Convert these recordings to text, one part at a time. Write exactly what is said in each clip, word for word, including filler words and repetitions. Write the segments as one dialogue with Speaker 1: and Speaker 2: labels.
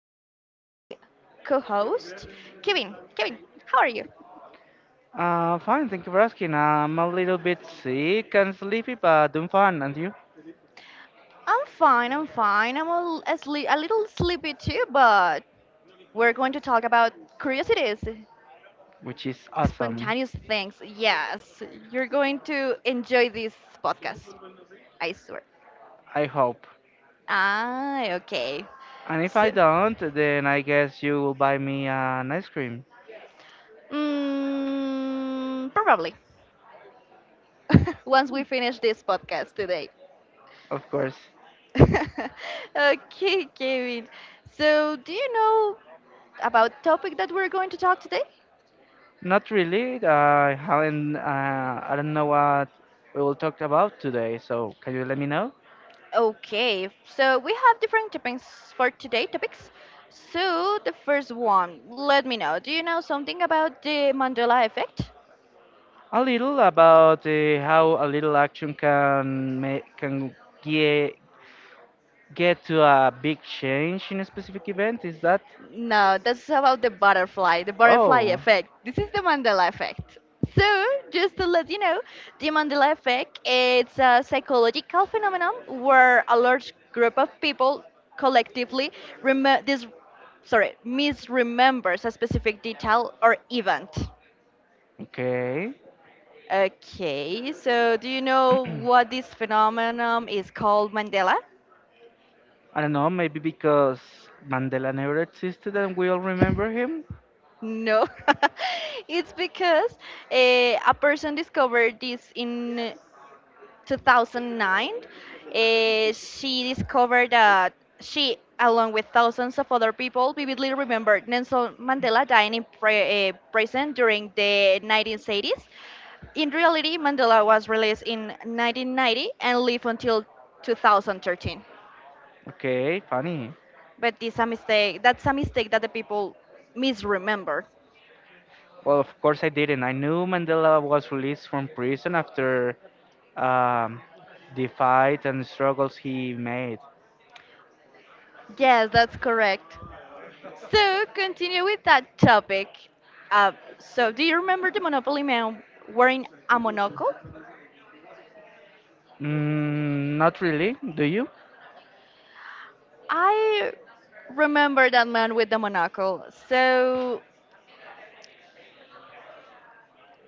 Speaker 1: my co host, Kevin. Kevin, how are you?
Speaker 2: Uh, fine, thank you for asking. I'm a little bit sick and sleepy, but doing fine, and you?
Speaker 1: I'm fine, I'm fine. I'm a, l- a sle- a little sleepy too, but we're going to talk about curiosities,
Speaker 2: Which is awesome,
Speaker 1: spontaneous things. Yes, you're going to enjoy this podcast, I swear.
Speaker 2: I hope.
Speaker 1: Ah, okay.
Speaker 2: And if I
Speaker 1: So,
Speaker 2: don't, then I guess you will buy me an ice cream,
Speaker 1: mm, probably. Once we finish this podcast today.
Speaker 2: of course.
Speaker 1: Okay, Kevin. So, do you know about topic that we're going to talk today?
Speaker 2: Not really, I haven't, uh, I don't know what we will talk about today, so can you let me know?
Speaker 1: Okay, so we have different topics for today topics. So, the first one, let me know. Do you know something about the Mandela effect?
Speaker 2: A little about uh, how a little action can make, can get get to a big change in a specific event, is that?
Speaker 1: No, that's about the butterfly, the butterfly
Speaker 2: Oh,
Speaker 1: effect. This is the Mandela effect. So, just to let you know, the Mandela effect it's a psychological phenomenon where a large group of people collectively rem- this sorry, misremembers a specific detail or event.
Speaker 2: okay.
Speaker 1: Okay, so do you know what this phenomenon is called Mandela?
Speaker 2: I don't know, maybe because Mandela never existed and we all remember him?
Speaker 1: No, it's because eh, a person discovered this in two thousand nine, eh, she discovered that she, along with thousands of other people, vividly remembered Nelson Mandela dying in pre- eh, prison during the nineteen eighties. In reality, Mandela was released in nineteen ninety and lived until two thousand thirteen.
Speaker 2: Okay, funny.
Speaker 1: But this a mistake. That's a mistake that the people misremember.
Speaker 2: Well, of course I didn't. I knew Mandela was released from prison after um, the fight and struggles he made.
Speaker 1: Yes, that's correct. So, continue with that topic. Uh, so, do you remember the Monopoly man wearing a monocle?
Speaker 2: Mm, not really. Do you?
Speaker 1: I remember that man with the monocle. So,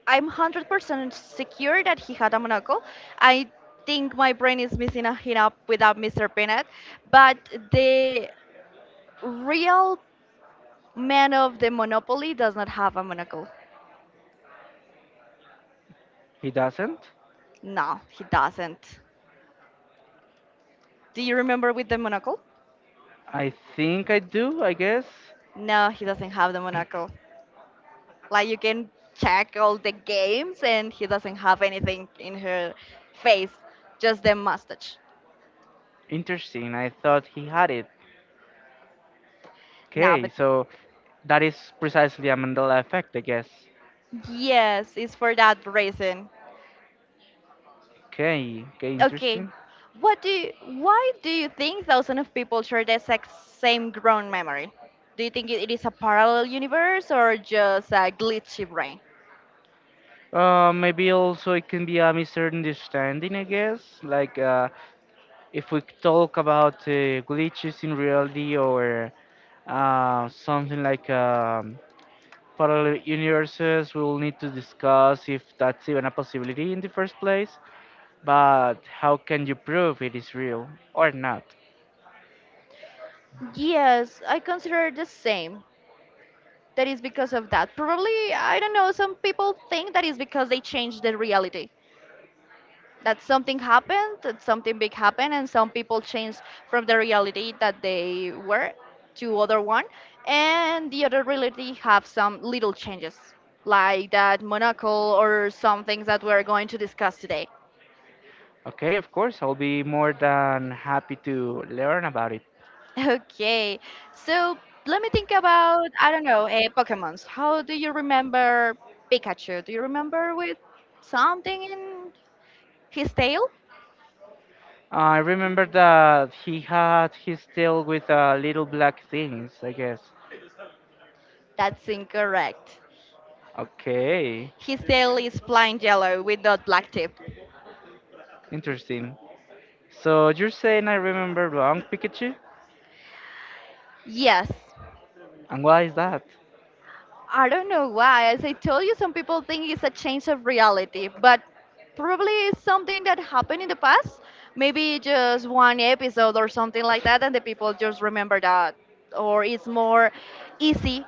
Speaker 1: I'm one hundred percent secure that he had a monocle. I think my brain is missing a hit up without Mister Peanut, but the real man of the Monopoly does not have a monocle.
Speaker 2: He doesn't?
Speaker 1: No, he doesn't. Do you remember with the monocle?
Speaker 2: I think I do, I guess.
Speaker 1: No, he doesn't have the monocle. Like you can check all the games and he doesn't have anything in her face, just the mustache.
Speaker 2: Interesting. I thought he had it.
Speaker 1: Now,
Speaker 2: Okay,
Speaker 1: but
Speaker 2: so that is precisely a Mandela effect, I guess.
Speaker 1: yes, it's for that reason.
Speaker 2: Okay, okay,
Speaker 1: Okay,
Speaker 2: interesting.
Speaker 1: what do you, why do you think thousands of people share the exact same ground memory? Do you think it it is a parallel universe or just a glitchy brain?
Speaker 2: Uh, maybe also it can be a misunderstanding, I guess. Like uh, if we talk about uh, glitches in reality or uh, something like um, parallel universes, we will need to discuss if that's even a possibility in the first place. But how can you prove it is real or not?
Speaker 1: Yes, I consider it the same. That is because of that. Probably, I don't know, some people think that is because they changed the reality. That something happened, that something big happened, and some people changed from the reality that they were to other one, and the other reality have some little changes, like that monocle or some things that we're going to discuss today.
Speaker 2: Okay, of course, I'll be more than happy to learn about it.
Speaker 1: Okay, so let me think about I don't know, uh, Pokemon's. How do you remember Pikachu? Do you remember with something in his tail?
Speaker 2: I remember that he had his tail with uh, little black things, I guess.
Speaker 1: That's incorrect.
Speaker 2: Okay,
Speaker 1: His tail is plain yellow with dot black tip.
Speaker 2: interesting. So you're saying I remember wrong, Pikachu?
Speaker 1: Yes.
Speaker 2: And why is that?
Speaker 1: I don't know why. As I told you, some people think it's a change of reality, but probably it's something that happened in the past. Maybe just one episode or something like that, and the people just remember that. Or it's more easy,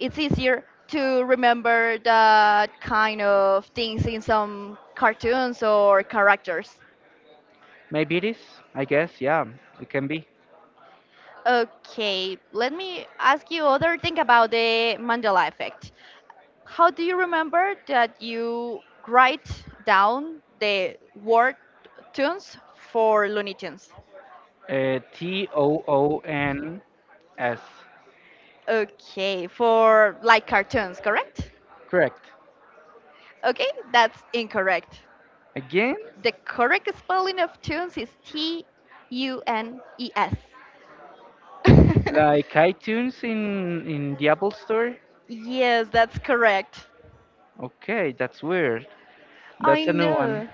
Speaker 1: it's easier to remember that kind of things in some cartoons or characters.
Speaker 2: Maybe it is, I guess, yeah, it can be.
Speaker 1: Okay, let me ask you other thing about the Mandela effect. How do you remember that you write down the word tunes for Looney Tunes?
Speaker 2: Uh, T O O N S.
Speaker 1: Okay, for like cartoons, correct?
Speaker 2: Correct.
Speaker 1: Okay, that's incorrect.
Speaker 2: Again?
Speaker 1: The correct spelling of tunes is T U N E S.
Speaker 2: Like iTunes in, in the Apple Store?
Speaker 1: Yes, that's correct.
Speaker 2: Okay, that's weird.
Speaker 1: I
Speaker 2: That's a new one.
Speaker 1: know.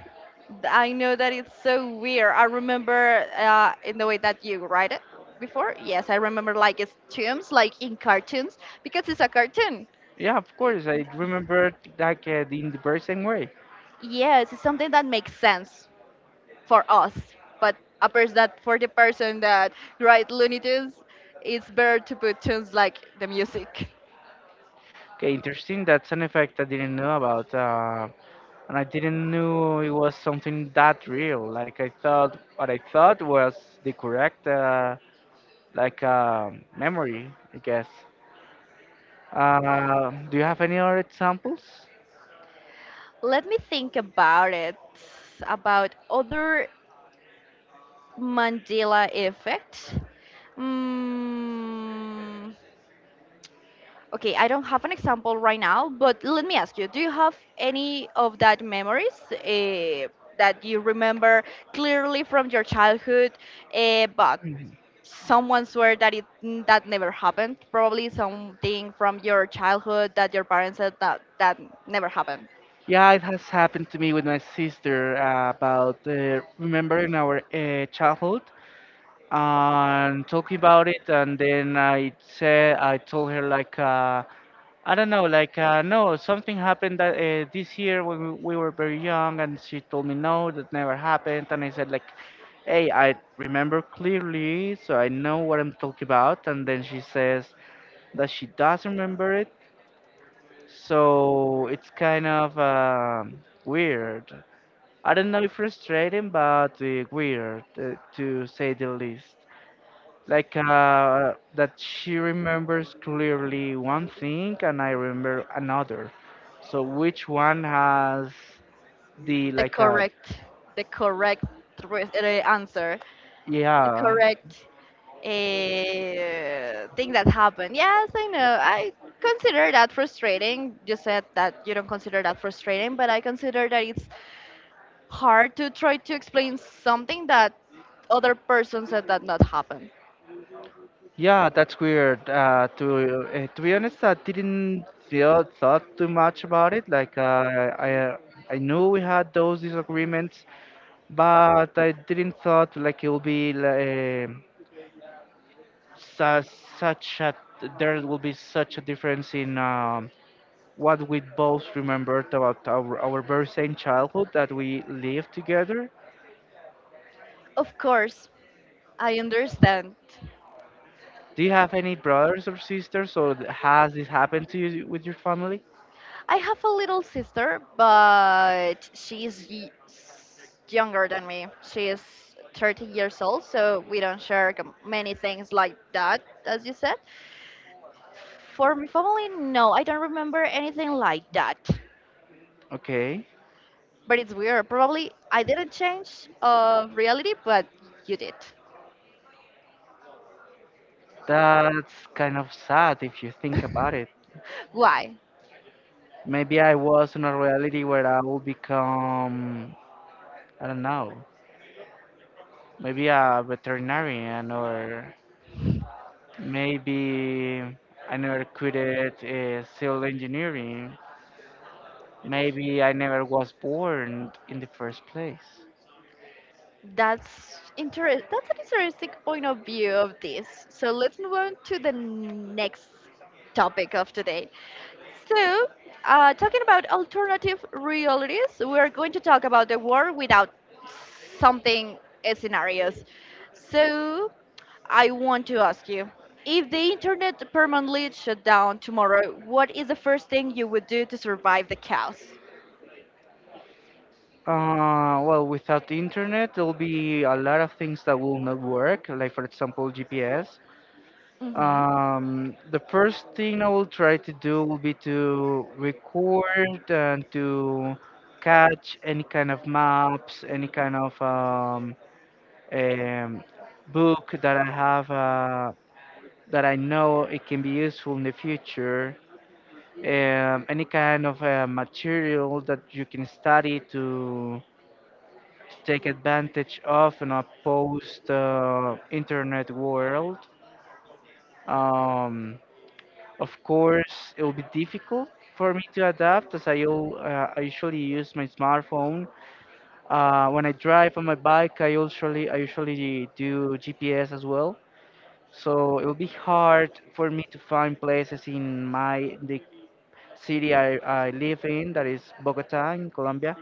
Speaker 1: Th- I know that it's so weird. I remember uh, in the way that you write it before. Yes, I remember like it's tombs, like in cartoons, because it's a cartoon.
Speaker 2: Yeah, of
Speaker 1: I-
Speaker 2: course. I remember like uh, in the very same way.
Speaker 1: Yes, it's something that makes sense for us, but a person that for the person that write Looney Tunes, it's better to put tunes like the music.
Speaker 2: Okay, interesting. That's an effect I didn't know about, uh, and I didn't know it was something that real. Like I thought, what I thought was the correct uh, like uh, memory, I guess. Uh, do you have any other examples?
Speaker 1: Let me think about it, about other Mandela effect. Mm, okay, I don't have an example right now, but let me ask you: Do you have any of that memories uh, that you remember clearly from your childhood, uh, but
Speaker 2: Mhm.
Speaker 1: someone swear that it n- that never happened? Probably something from your childhood that your parents said that that never happened.
Speaker 2: Yeah, it has happened to me with my sister uh, about uh, remembering our uh, childhood, and talk about it, and then I said I told her like, uh, I don't know, like, uh, no, something happened that, uh, this year when we, we were very young, and she told me no, that never happened, and I said like, hey, I remember clearly, so I know what I'm talking about. And then she says that she does remember it, so it's kind of um weird. I don't know if frustrating, but, uh, weird, uh, to say the least. Like, uh, that she remembers clearly one thing and I remember another. So which one has the,
Speaker 1: The
Speaker 2: like, uh,
Speaker 1: correct, the correct re- uh, answer.
Speaker 2: yeah,
Speaker 1: Correct uh, thing that happened. Yes, I know. I consider that frustrating. You said that you don't consider that frustrating, but I consider that it's hard to try to explain something that other person said that not happened.
Speaker 2: yeah, that's weird. Uh, to uh, to be honest, I didn't feel thought too much about it. Like uh, I I knew we had those disagreements, but I didn't thought like it will be like, such such a, there will be such a difference in. Um, what we both remembered about our, our very same childhood that we lived together.
Speaker 1: Of course, I understand.
Speaker 2: Do you have any brothers or sisters, or th- has this happened to you with your family?
Speaker 1: I have a little sister, but she's y- s- younger than me. She is thirty years old, so we don't share com- many things like that, as you said. For my family, no, I don't remember anything like that.
Speaker 2: Okay,
Speaker 1: But it's weird. Probably I didn't change of reality, but you did.
Speaker 2: that's kind of sad if you think about it.
Speaker 1: Why?
Speaker 2: Maybe I was in a reality where I will become, I don't know, maybe a veterinarian, or maybe I never quitted uh, civil engineering. Maybe I never was born in the first place.
Speaker 1: That's interest. That's an interesting point of view of this. So let's move on to the next topic of today. So, uh, talking about alternative realities, we are going to talk about the world without something uh, scenarios. So, I want to ask you, if the internet permanently shut down tomorrow, what is the first thing you would do to survive the chaos?
Speaker 2: Uh, well, without the internet, there'll be a lot of things that will not work, like, for example, G P S.
Speaker 1: Hmm
Speaker 2: Um, the first thing I will try to do will be to record and to catch any kind of maps, any kind of um, um, book that I have, uh, that I know it can be useful in the future. Um, any kind of uh, material that you can study to, to take advantage of in a post, uh, internet world. Um, of course, it will be difficult for me to adapt, as I, u- uh, I usually use my smartphone. Uh, when I drive on my bike, I usually, I usually do G P S as well. So it will be hard for me to find places in my the city I, I live in, that is Bogota in Colombia,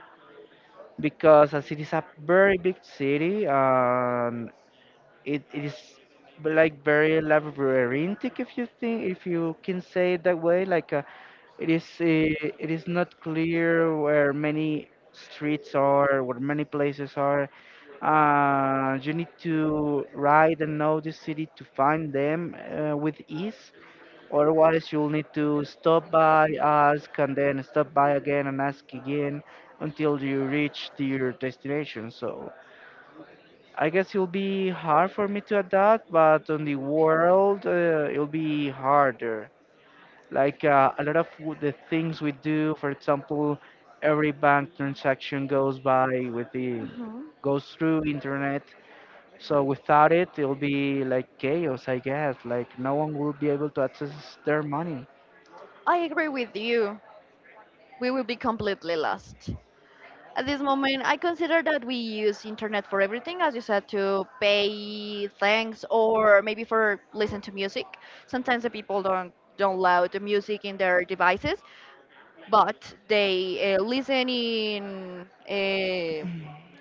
Speaker 2: because as it is a very big city, um, it, it is like very labyrinthic, if you think, if you can say it that way. Like uh, it is uh, it is not clear where many streets are, where many places are, uh, you need to ride and know the city to find them, uh, with ease. Otherwise, you'll need to stop by, ask, and then stop by again, and ask again until you reach to your destination. So I guess it'll be hard for me to adapt, but on the world, uh, it'll be harder. Like uh, a lot of w- the things we do. For example, every bank transaction goes by with the
Speaker 1: hmm
Speaker 2: goes through internet. So without it, it'll be like chaos, I guess. Like, no one will be able to access their money.
Speaker 1: I agree with you. We will be completely lost. At this moment, I consider that we use internet for everything, as you said, to pay things or maybe for listen to music. Sometimes the people don't don't allow the music in their devices, but they uh, listen in uh,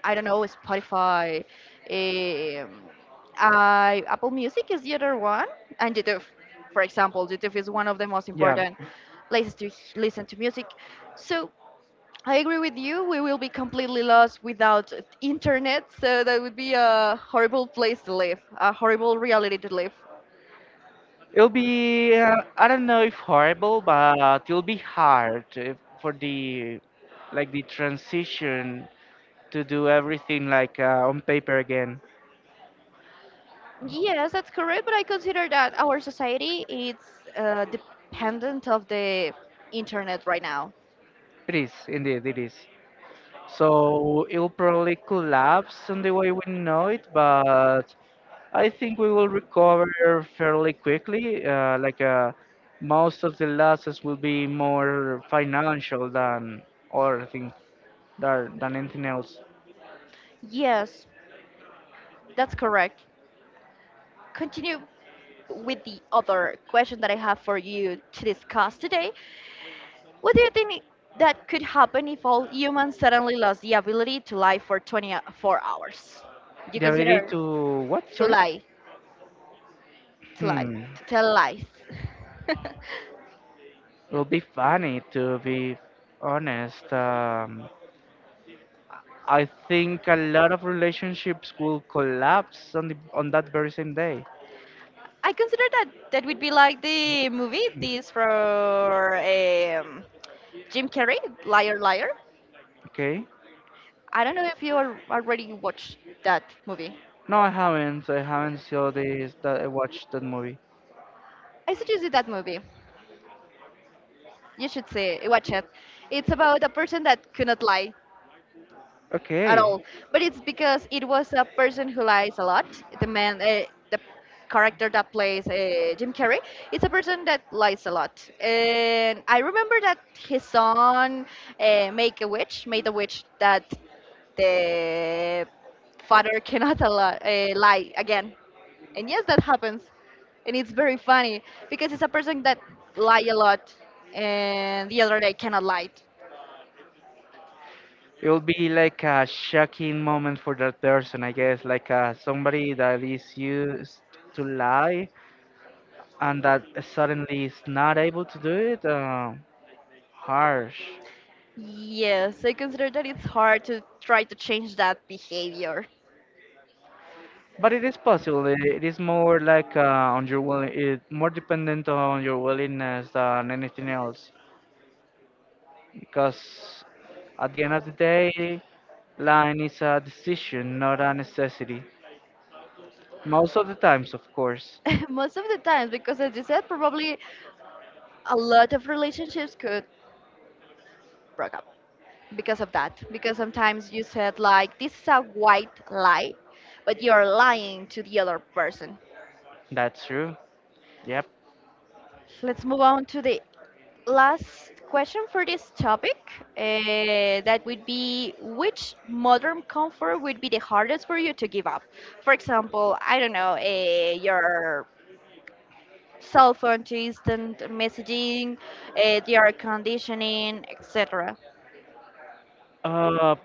Speaker 1: I don't know Spotify, um, I, Apple Music is the other one, and YouTube, for example, YouTube is one of the most
Speaker 2: Yeah,
Speaker 1: important places to h- listen to music. So I agree with you. We will be completely lost without internet, so that would be a horrible place to live, a horrible reality to live.
Speaker 2: it'll be, uh, I don't know if horrible, but it'll be hard, uh, for the, like, the transition to do everything like, uh, on paper again.
Speaker 1: Yes, that's correct, but I consider that our society is uh, dependent of the internet right now.
Speaker 2: It is indeed, it is. So it will probably collapse on the way we know it, but I think we will recover fairly quickly. Uh, like uh, most of the losses will be more financial than, or things, than than anything else.
Speaker 1: Yes, that's correct. Continue with the other question that I have for you to discuss today. What do you think that could happen if all humans suddenly lost the ability to lie for twenty-four hours? Do you
Speaker 2: The ability
Speaker 1: consider?
Speaker 2: to what?
Speaker 1: To
Speaker 2: Sorry.
Speaker 1: lie, to lie,
Speaker 2: Hmm.
Speaker 1: to tell lies.
Speaker 2: It will be funny, to be honest. Um, I think a lot of relationships will collapse on the on that very same day.
Speaker 1: I consider that that would be like the movie this for um, Jim Carrey, Liar Liar.
Speaker 2: Okay.
Speaker 1: I don't know if you al- already watched that movie.
Speaker 2: No, I haven't. I haven't saw this. That I watched that movie.
Speaker 1: I suggest you that movie. You should see, watch it. It's about a person that could not lie. At all.
Speaker 2: Okay.
Speaker 1: But it's because it was a person who lies a lot. The man, uh, the character that plays uh, Jim Carrey, it's a person that lies a lot. And I remember that his son, uh, Make a Witch, made a witch that the father cannot allow, uh, lie again. And yes, that happens. And it's very funny because it's a person that lie a lot and the other day cannot lie.
Speaker 2: It will be like a shocking moment for that person, I guess, like uh, somebody that is used to lie and that suddenly is not able to do it. Uh, harsh,
Speaker 1: Yes, I consider that it's hard to try to change that behavior.
Speaker 2: but it is possible. It, it is more like, uh, on your will, it more dependent on your willingness than anything else, because at the end of the day, lying is a decision, not a necessity. Most of the times, of course.
Speaker 1: Most of the times, because as you said, probably a lot of relationships could break up because of that. Because sometimes you said, like, this is a white lie, but you're lying to the other person.
Speaker 2: That's true. Yep.
Speaker 1: Let's move on to the last question for this topic. Uh, that would be which modern comfort would be the hardest for you to give up? For example, I don't know, uh, your cell phone to instant messaging, uh, the air conditioning, et cetera.
Speaker 2: Uh,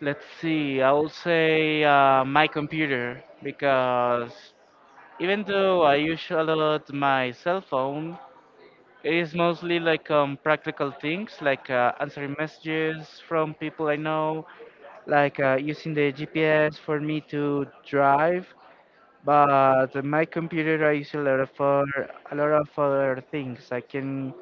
Speaker 2: let's see. I will say, uh, my computer, because even though I use a lot my cell phone, it is mostly like, um, practical things like, uh, answering messages from people I know, like, uh, using the G P S for me to drive. But my computer, I use a lot of other, a lot of other things. I can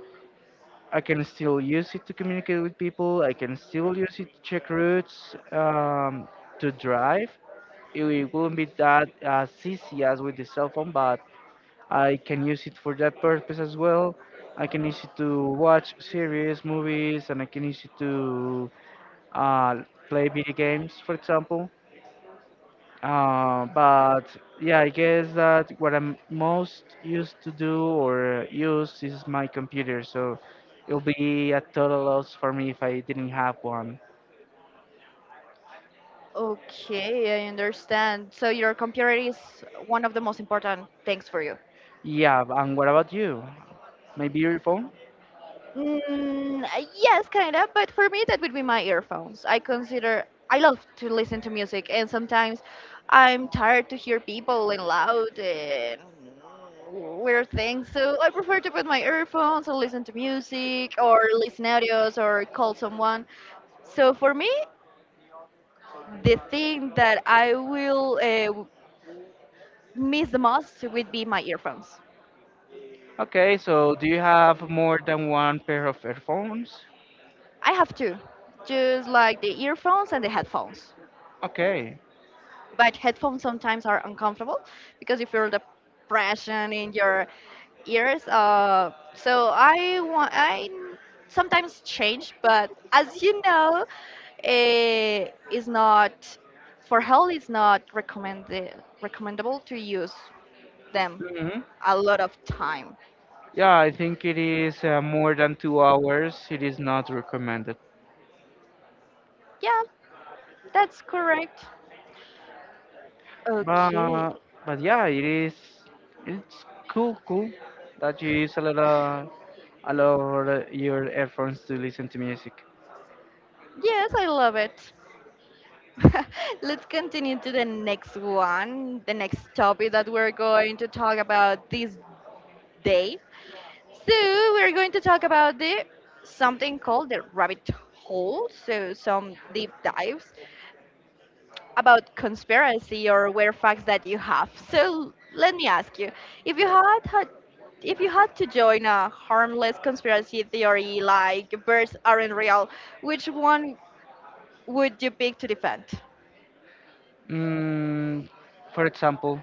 Speaker 2: I can still use it to communicate with people. I can still use it to check routes, um, to drive. It wi- won't be that as easy as with the cell phone, but I can use it for that purpose as well. I can use it to watch series, movies, and I can use it to, uh, play video games, for example. Uh, but yeah, I guess that what I'm most used to do or use is my computer, so it'll be a total loss for me if I didn't have one.
Speaker 1: Okay, I understand. So your computer is one of the most important things for you.
Speaker 2: Yeah, and what about you? Maybe your phone?
Speaker 1: Mm, uh, yes, kind of, but for me that would be my earphones. I consider I love to listen to music, and sometimes I'm tired to hear people and loud and weird things. So I prefer to put my earphones and listen to music or listen audios or call someone. So for me, the thing that I will uh, w- miss the most would be my earphones.
Speaker 2: Okay, so do you have more than one pair of earphones?
Speaker 1: I have two, just like the earphones and the headphones.
Speaker 2: Okay.
Speaker 1: But headphones sometimes are uncomfortable because you feel the pressure in your ears. Uh, so I want I sometimes change, but as you know, eh, it's not for health. It's not recommended recommendable to use them
Speaker 2: Hmm.
Speaker 1: a lot of time.
Speaker 2: Yeah, I think it is, uh, more than two hours. It is not recommended.
Speaker 1: Yeah, that's correct. Okay.
Speaker 2: But but yeah, it is it's cool cool that you use a lot of a lot of your earphones to listen to music.
Speaker 1: Yes, I love it. Let's continue to the next one, the next topic that we're going to talk about this day. So, we're going to talk about the something called the rabbit hole, so some deep dives about conspiracy or weird facts that you have. So, let me ask you, if you had had if you had to join a harmless conspiracy theory like birds aren't real, which one would you pick to defend?
Speaker 2: Mm, for example,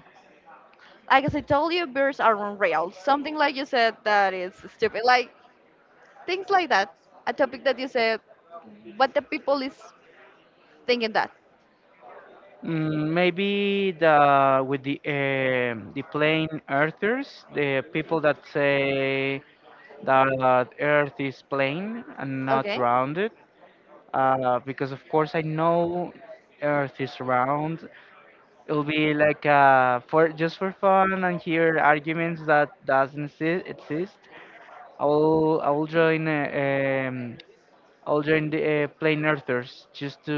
Speaker 1: Like as I told you, birds are unreal. Something like you said that is stupid. Like things like that. A topic that you said, what the people is thinking that.
Speaker 2: mm, maybe the with the um the plain earthers, the people that say that Earth is plain and not
Speaker 1: Okay.
Speaker 2: rounded, uh, because of course I know Earth is round. It'll be like, uh, for just for fun, and hear arguments that doesn't exi- exist. I will I will join uh, um I'll join the, uh, plain earthers, just to,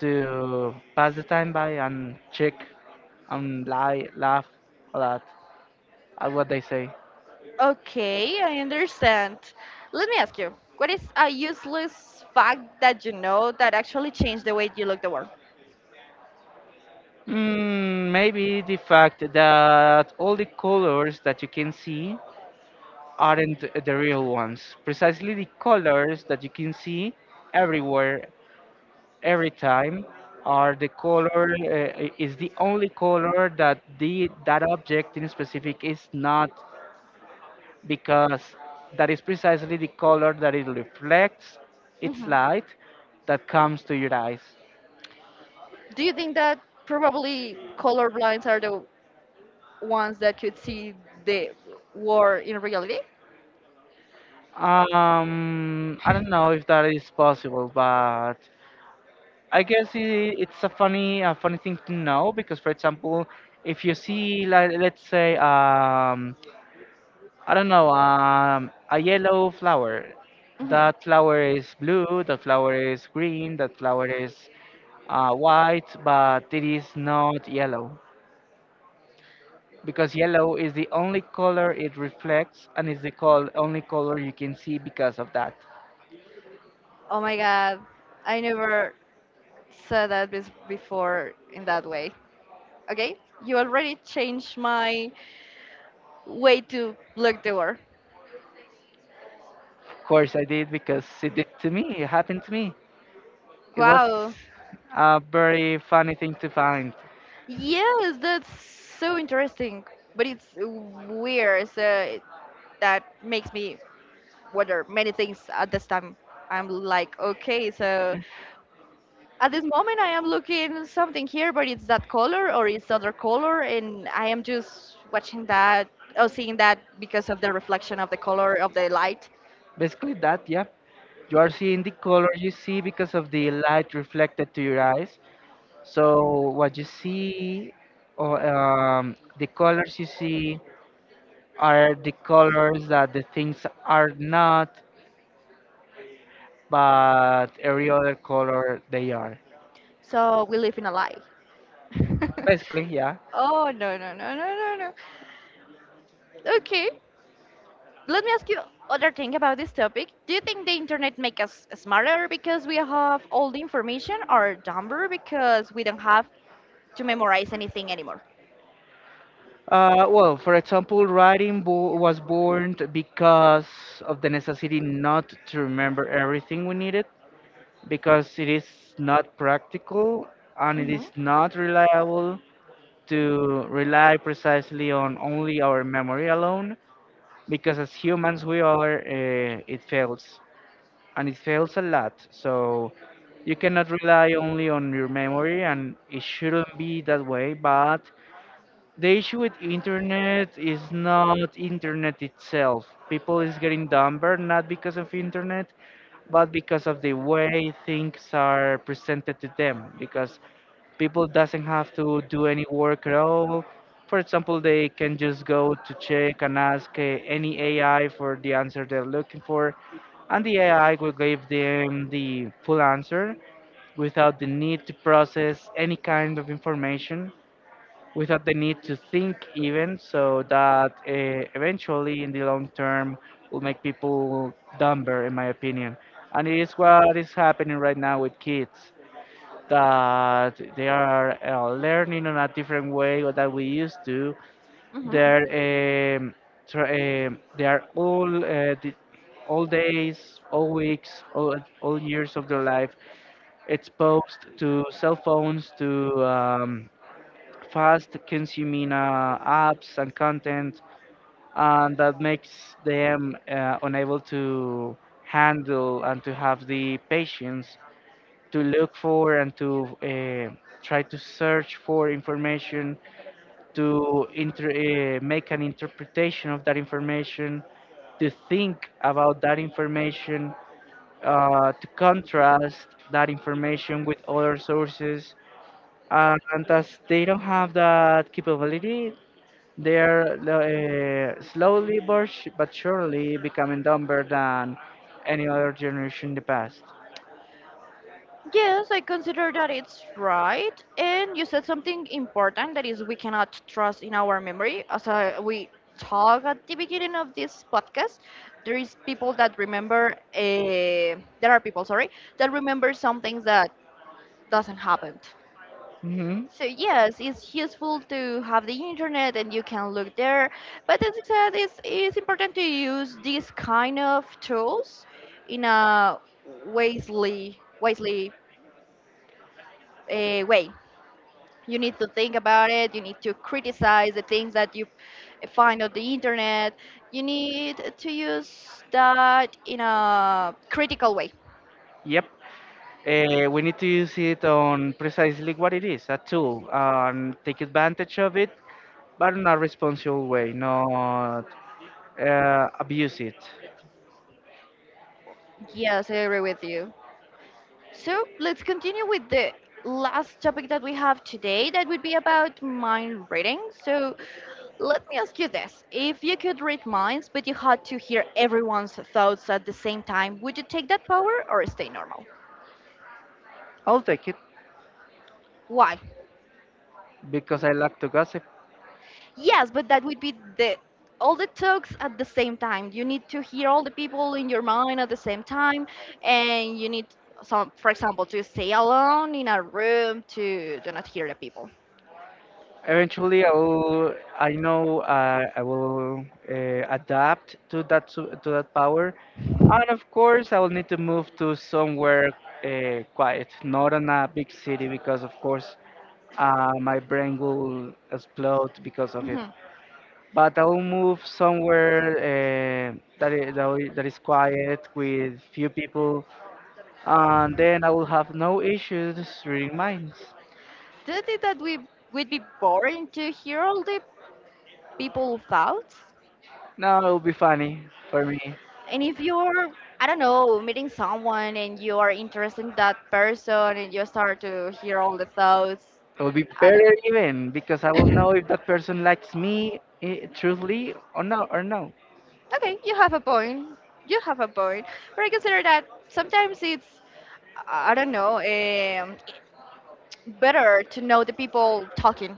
Speaker 2: to pass the time by and check, and lie laugh a lot at what they say.
Speaker 1: Okay, I understand. Let me ask you, what is a useless fact that you know that actually changed the way you look the world?
Speaker 2: Mm, maybe the fact that all the colors that you can see aren't the real ones. Precisely, the colors that you can see everywhere, every time, are the color uh, is the only color that the that object in specific is not, because that is precisely the color that it reflects, its
Speaker 1: Hmm
Speaker 2: light that comes to your eyes.
Speaker 1: Do you think that probably colorblind are the ones that could see the war in reality?
Speaker 2: um I don't know if that is possible, but I guess I it's a funny a funny thing to know. Because, for example, if you see, like, let's say, um I don't know, um, a yellow flower.
Speaker 1: Hmm.
Speaker 2: That flower is blue, that flower is green, that flower is, uh, white, but it is not yellow. Because yellow is the only color it reflects, and is the col- only color you can see because of that.
Speaker 1: Oh my god, I never said that bes- before in that way. Okay, you already changed my way to look the world.
Speaker 2: Of course, I did, because it did to me, it happened to me. It was
Speaker 1: Wow.
Speaker 2: a very funny thing to find.
Speaker 1: Yes, that's so interesting, but it's weird. So that makes me wonder many things at this time. I'm like, okay, so at this moment I am looking something here, but it's that color or it's other color, and I am just watching that or seeing that because of the reflection of the color of the light.
Speaker 2: Basically, that, yeah. You are seeing the color you see because of the light reflected to your eyes. So what you see, or um, the colors you see, are the colors that the things are not, but every other color they are.
Speaker 1: So we live in a lie.
Speaker 2: Basically, yeah.
Speaker 1: Oh no, no, no, no, no, no. Okay, let me ask you other thing about this topic. Do you think the internet make us smarter because we have all the information, or dumber because we don't have to memorize anything anymore?
Speaker 2: Uh, well, for example, writing bo was born because of the necessity not to remember everything we needed, because it is not practical and it is not reliable to rely precisely on only our memory alone, because as humans we are uh, it fails, and it fails a lot. So you cannot rely only on your memory, and it shouldn't be that way. But the issue with internet is not internet itself. People is getting dumber not because of internet, but because of the way things are presented to them, because people doesn't have to do any work at all. For example, they can just go to check and ask uh, any ai for the answer they're looking for, and the ai will give them the full answer without the need to process any kind of information, without the need to think even, so that uh, eventually in the long term will make people dumber in my opinion. And it is what is happening right now with kids, that they are uh, learning on a different way or that we used to.
Speaker 1: Mhm. Mhm.
Speaker 2: They're um, tr- um, they are all uh, the, all days, all weeks, all, all years of their life exposed to cell phones, to um, fast consuming uh, apps and content, and that makes them uh, unable to handle and to have the patience to look for and to uh, try to search for information, to inter- uh, make an interpretation of that information, to think about that information, uh, to contrast that information with other sources. Uh, And as they don't have that capability, they are uh, slowly but sh- but surely becoming dumber than any other generation in the past.
Speaker 1: Yes, I consider that it's right. And you said something important that is we cannot trust in our memory. As I, we talk at the beginning of this podcast, there is people that remember, uh, there are people, sorry, that remember some things that doesn't happen.
Speaker 2: Hmm.
Speaker 1: So yes, it's useful to have the internet and you can look there. But as I said, it's, it's important to use these kind of tools in a wisely, wisely uh, way. You need to think about it, you need to criticize the things that you find on the internet, you need to use that in a critical way.
Speaker 2: Yep. Uh, we need to use it on precisely what it is, a tool, and take advantage of it, but in a responsible way, not uh, abuse it.
Speaker 1: Yes, I agree with you. So let's continue with the last topic that we have today, that would be about mind reading. So let me ask you this: if you could read minds, but you had to hear everyone's thoughts at the same time, would you take that power or stay normal?
Speaker 2: I'll take it
Speaker 1: Why?
Speaker 2: because I like to gossip.
Speaker 1: Yes, but that would be the all the talks at the same time. You need to hear all the people in your mind at the same time, and you need some, for example, to stay alone in a room to do not hear the people.
Speaker 2: Eventually, I will. I know uh, I will uh, adapt to that su- to that power, and of course, I will need to move to somewhere uh, quiet, not in a big city, because of course, uh, my brain will explode because of it.
Speaker 1: Hmm.
Speaker 2: But I will move somewhere uh, that is, that i- that is quiet with few people, and then I will have no issues reading minds.
Speaker 1: Do you think that we would be boring to hear all the people thoughts?
Speaker 2: Now it will be funny for me.
Speaker 1: And if you're, I don't know, meeting someone and you are interested in that person and you start to hear all the thoughts.
Speaker 2: It would be
Speaker 1: I don't
Speaker 2: better
Speaker 1: know.
Speaker 2: even because I will know if that person likes me, eh, truthfully or no or no.
Speaker 1: Okay, you have a point. You have a point. But I consider that sometimes it's, I don't know, um, better to know the people talking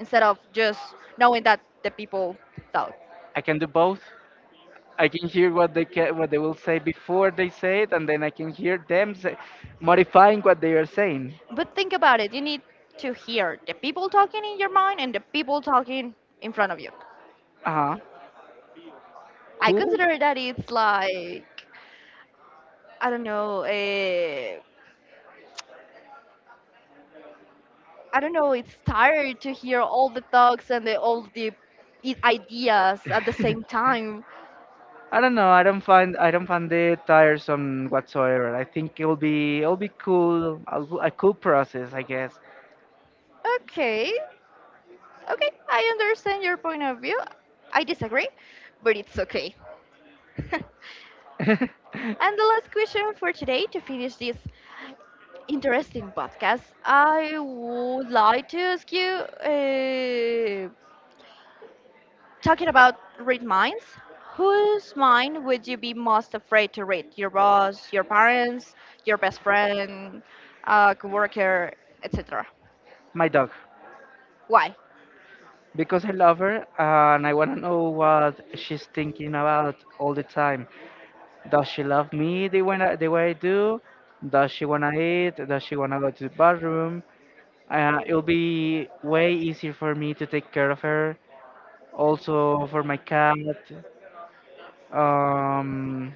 Speaker 1: instead of just knowing that the people talk.
Speaker 2: I can do both. I can hear what they ca what they will say before they say it, and then I can hear them say, modifying what they are saying.
Speaker 1: But think about it. You need to hear the people talking in your mind and the people talking in front of you.
Speaker 2: Uh-huh.
Speaker 1: I
Speaker 2: Cool.
Speaker 1: consider that it's like, I don't know, uh, I don't know, it's tired to hear all the talks and the, all the i- ideas at the same time.
Speaker 2: I don't know. I don't find I don't find it tiresome whatsoever. I think it'll be it'll be cool. A, a cool process, I guess.
Speaker 1: Okay, okay, I understand your point of view. I disagree, but it's okay. And the last question for today to finish this interesting podcast, I would like to ask you uh, talking about read minds. Whose mind would you be most afraid to read? Your boss, your parents, your best friend, a coworker, et cetera?
Speaker 2: My dog,
Speaker 1: Why?
Speaker 2: because I love her and I want to know what she's thinking about all the time. Does she love me the way I, the way I do? Does she wanna eat? Does she wanna go to the bathroom? Uh, it'll be way easier for me to take care of her. Also for my cat. Um,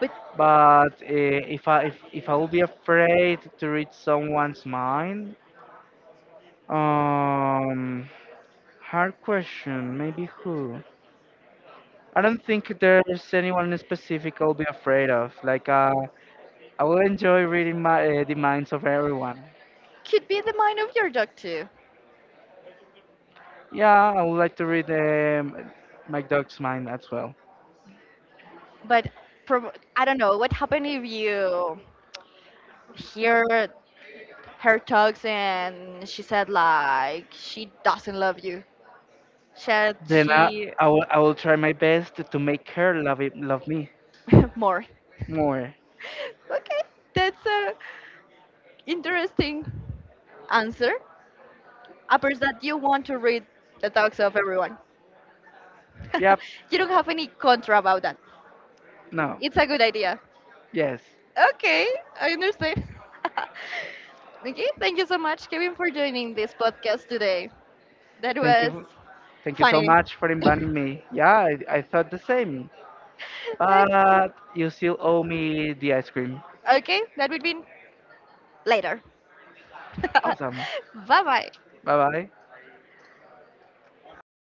Speaker 1: But
Speaker 2: but uh, if I if, if I will be afraid to read someone's mind, um, hard question. Maybe who? I don't think there's anyone in specific I'll be afraid of. Like uh, I will enjoy reading my uh, the minds of everyone.
Speaker 1: could be the mind of your dog too.
Speaker 2: Yeah, I would like to read um, my dog's mind as well.
Speaker 1: But prob- I don't know what happened if you hear her talks and she said like she doesn't love you. Said
Speaker 2: Then I,
Speaker 1: she
Speaker 2: I, will, I will try my best to make her love it, love me
Speaker 1: more.
Speaker 2: more.
Speaker 1: Okay, that's a interesting answer. Apart that you want to read the talks of everyone.
Speaker 2: Yep.
Speaker 1: You don't have any contra about that.
Speaker 2: No.
Speaker 1: It's a good idea.
Speaker 2: Yes.
Speaker 1: Okay, I understand. Okay, thank you so much, Kevin, for joining this podcast today. That
Speaker 2: Thank
Speaker 1: was
Speaker 2: you. Thank you so
Speaker 1: funny.
Speaker 2: much for inviting me. Yeah, I, I thought the same.
Speaker 1: Okay.
Speaker 2: But you still owe me the ice cream.
Speaker 1: Okay, that would be later.
Speaker 2: Awesome.
Speaker 1: Bye bye.
Speaker 2: Bye bye.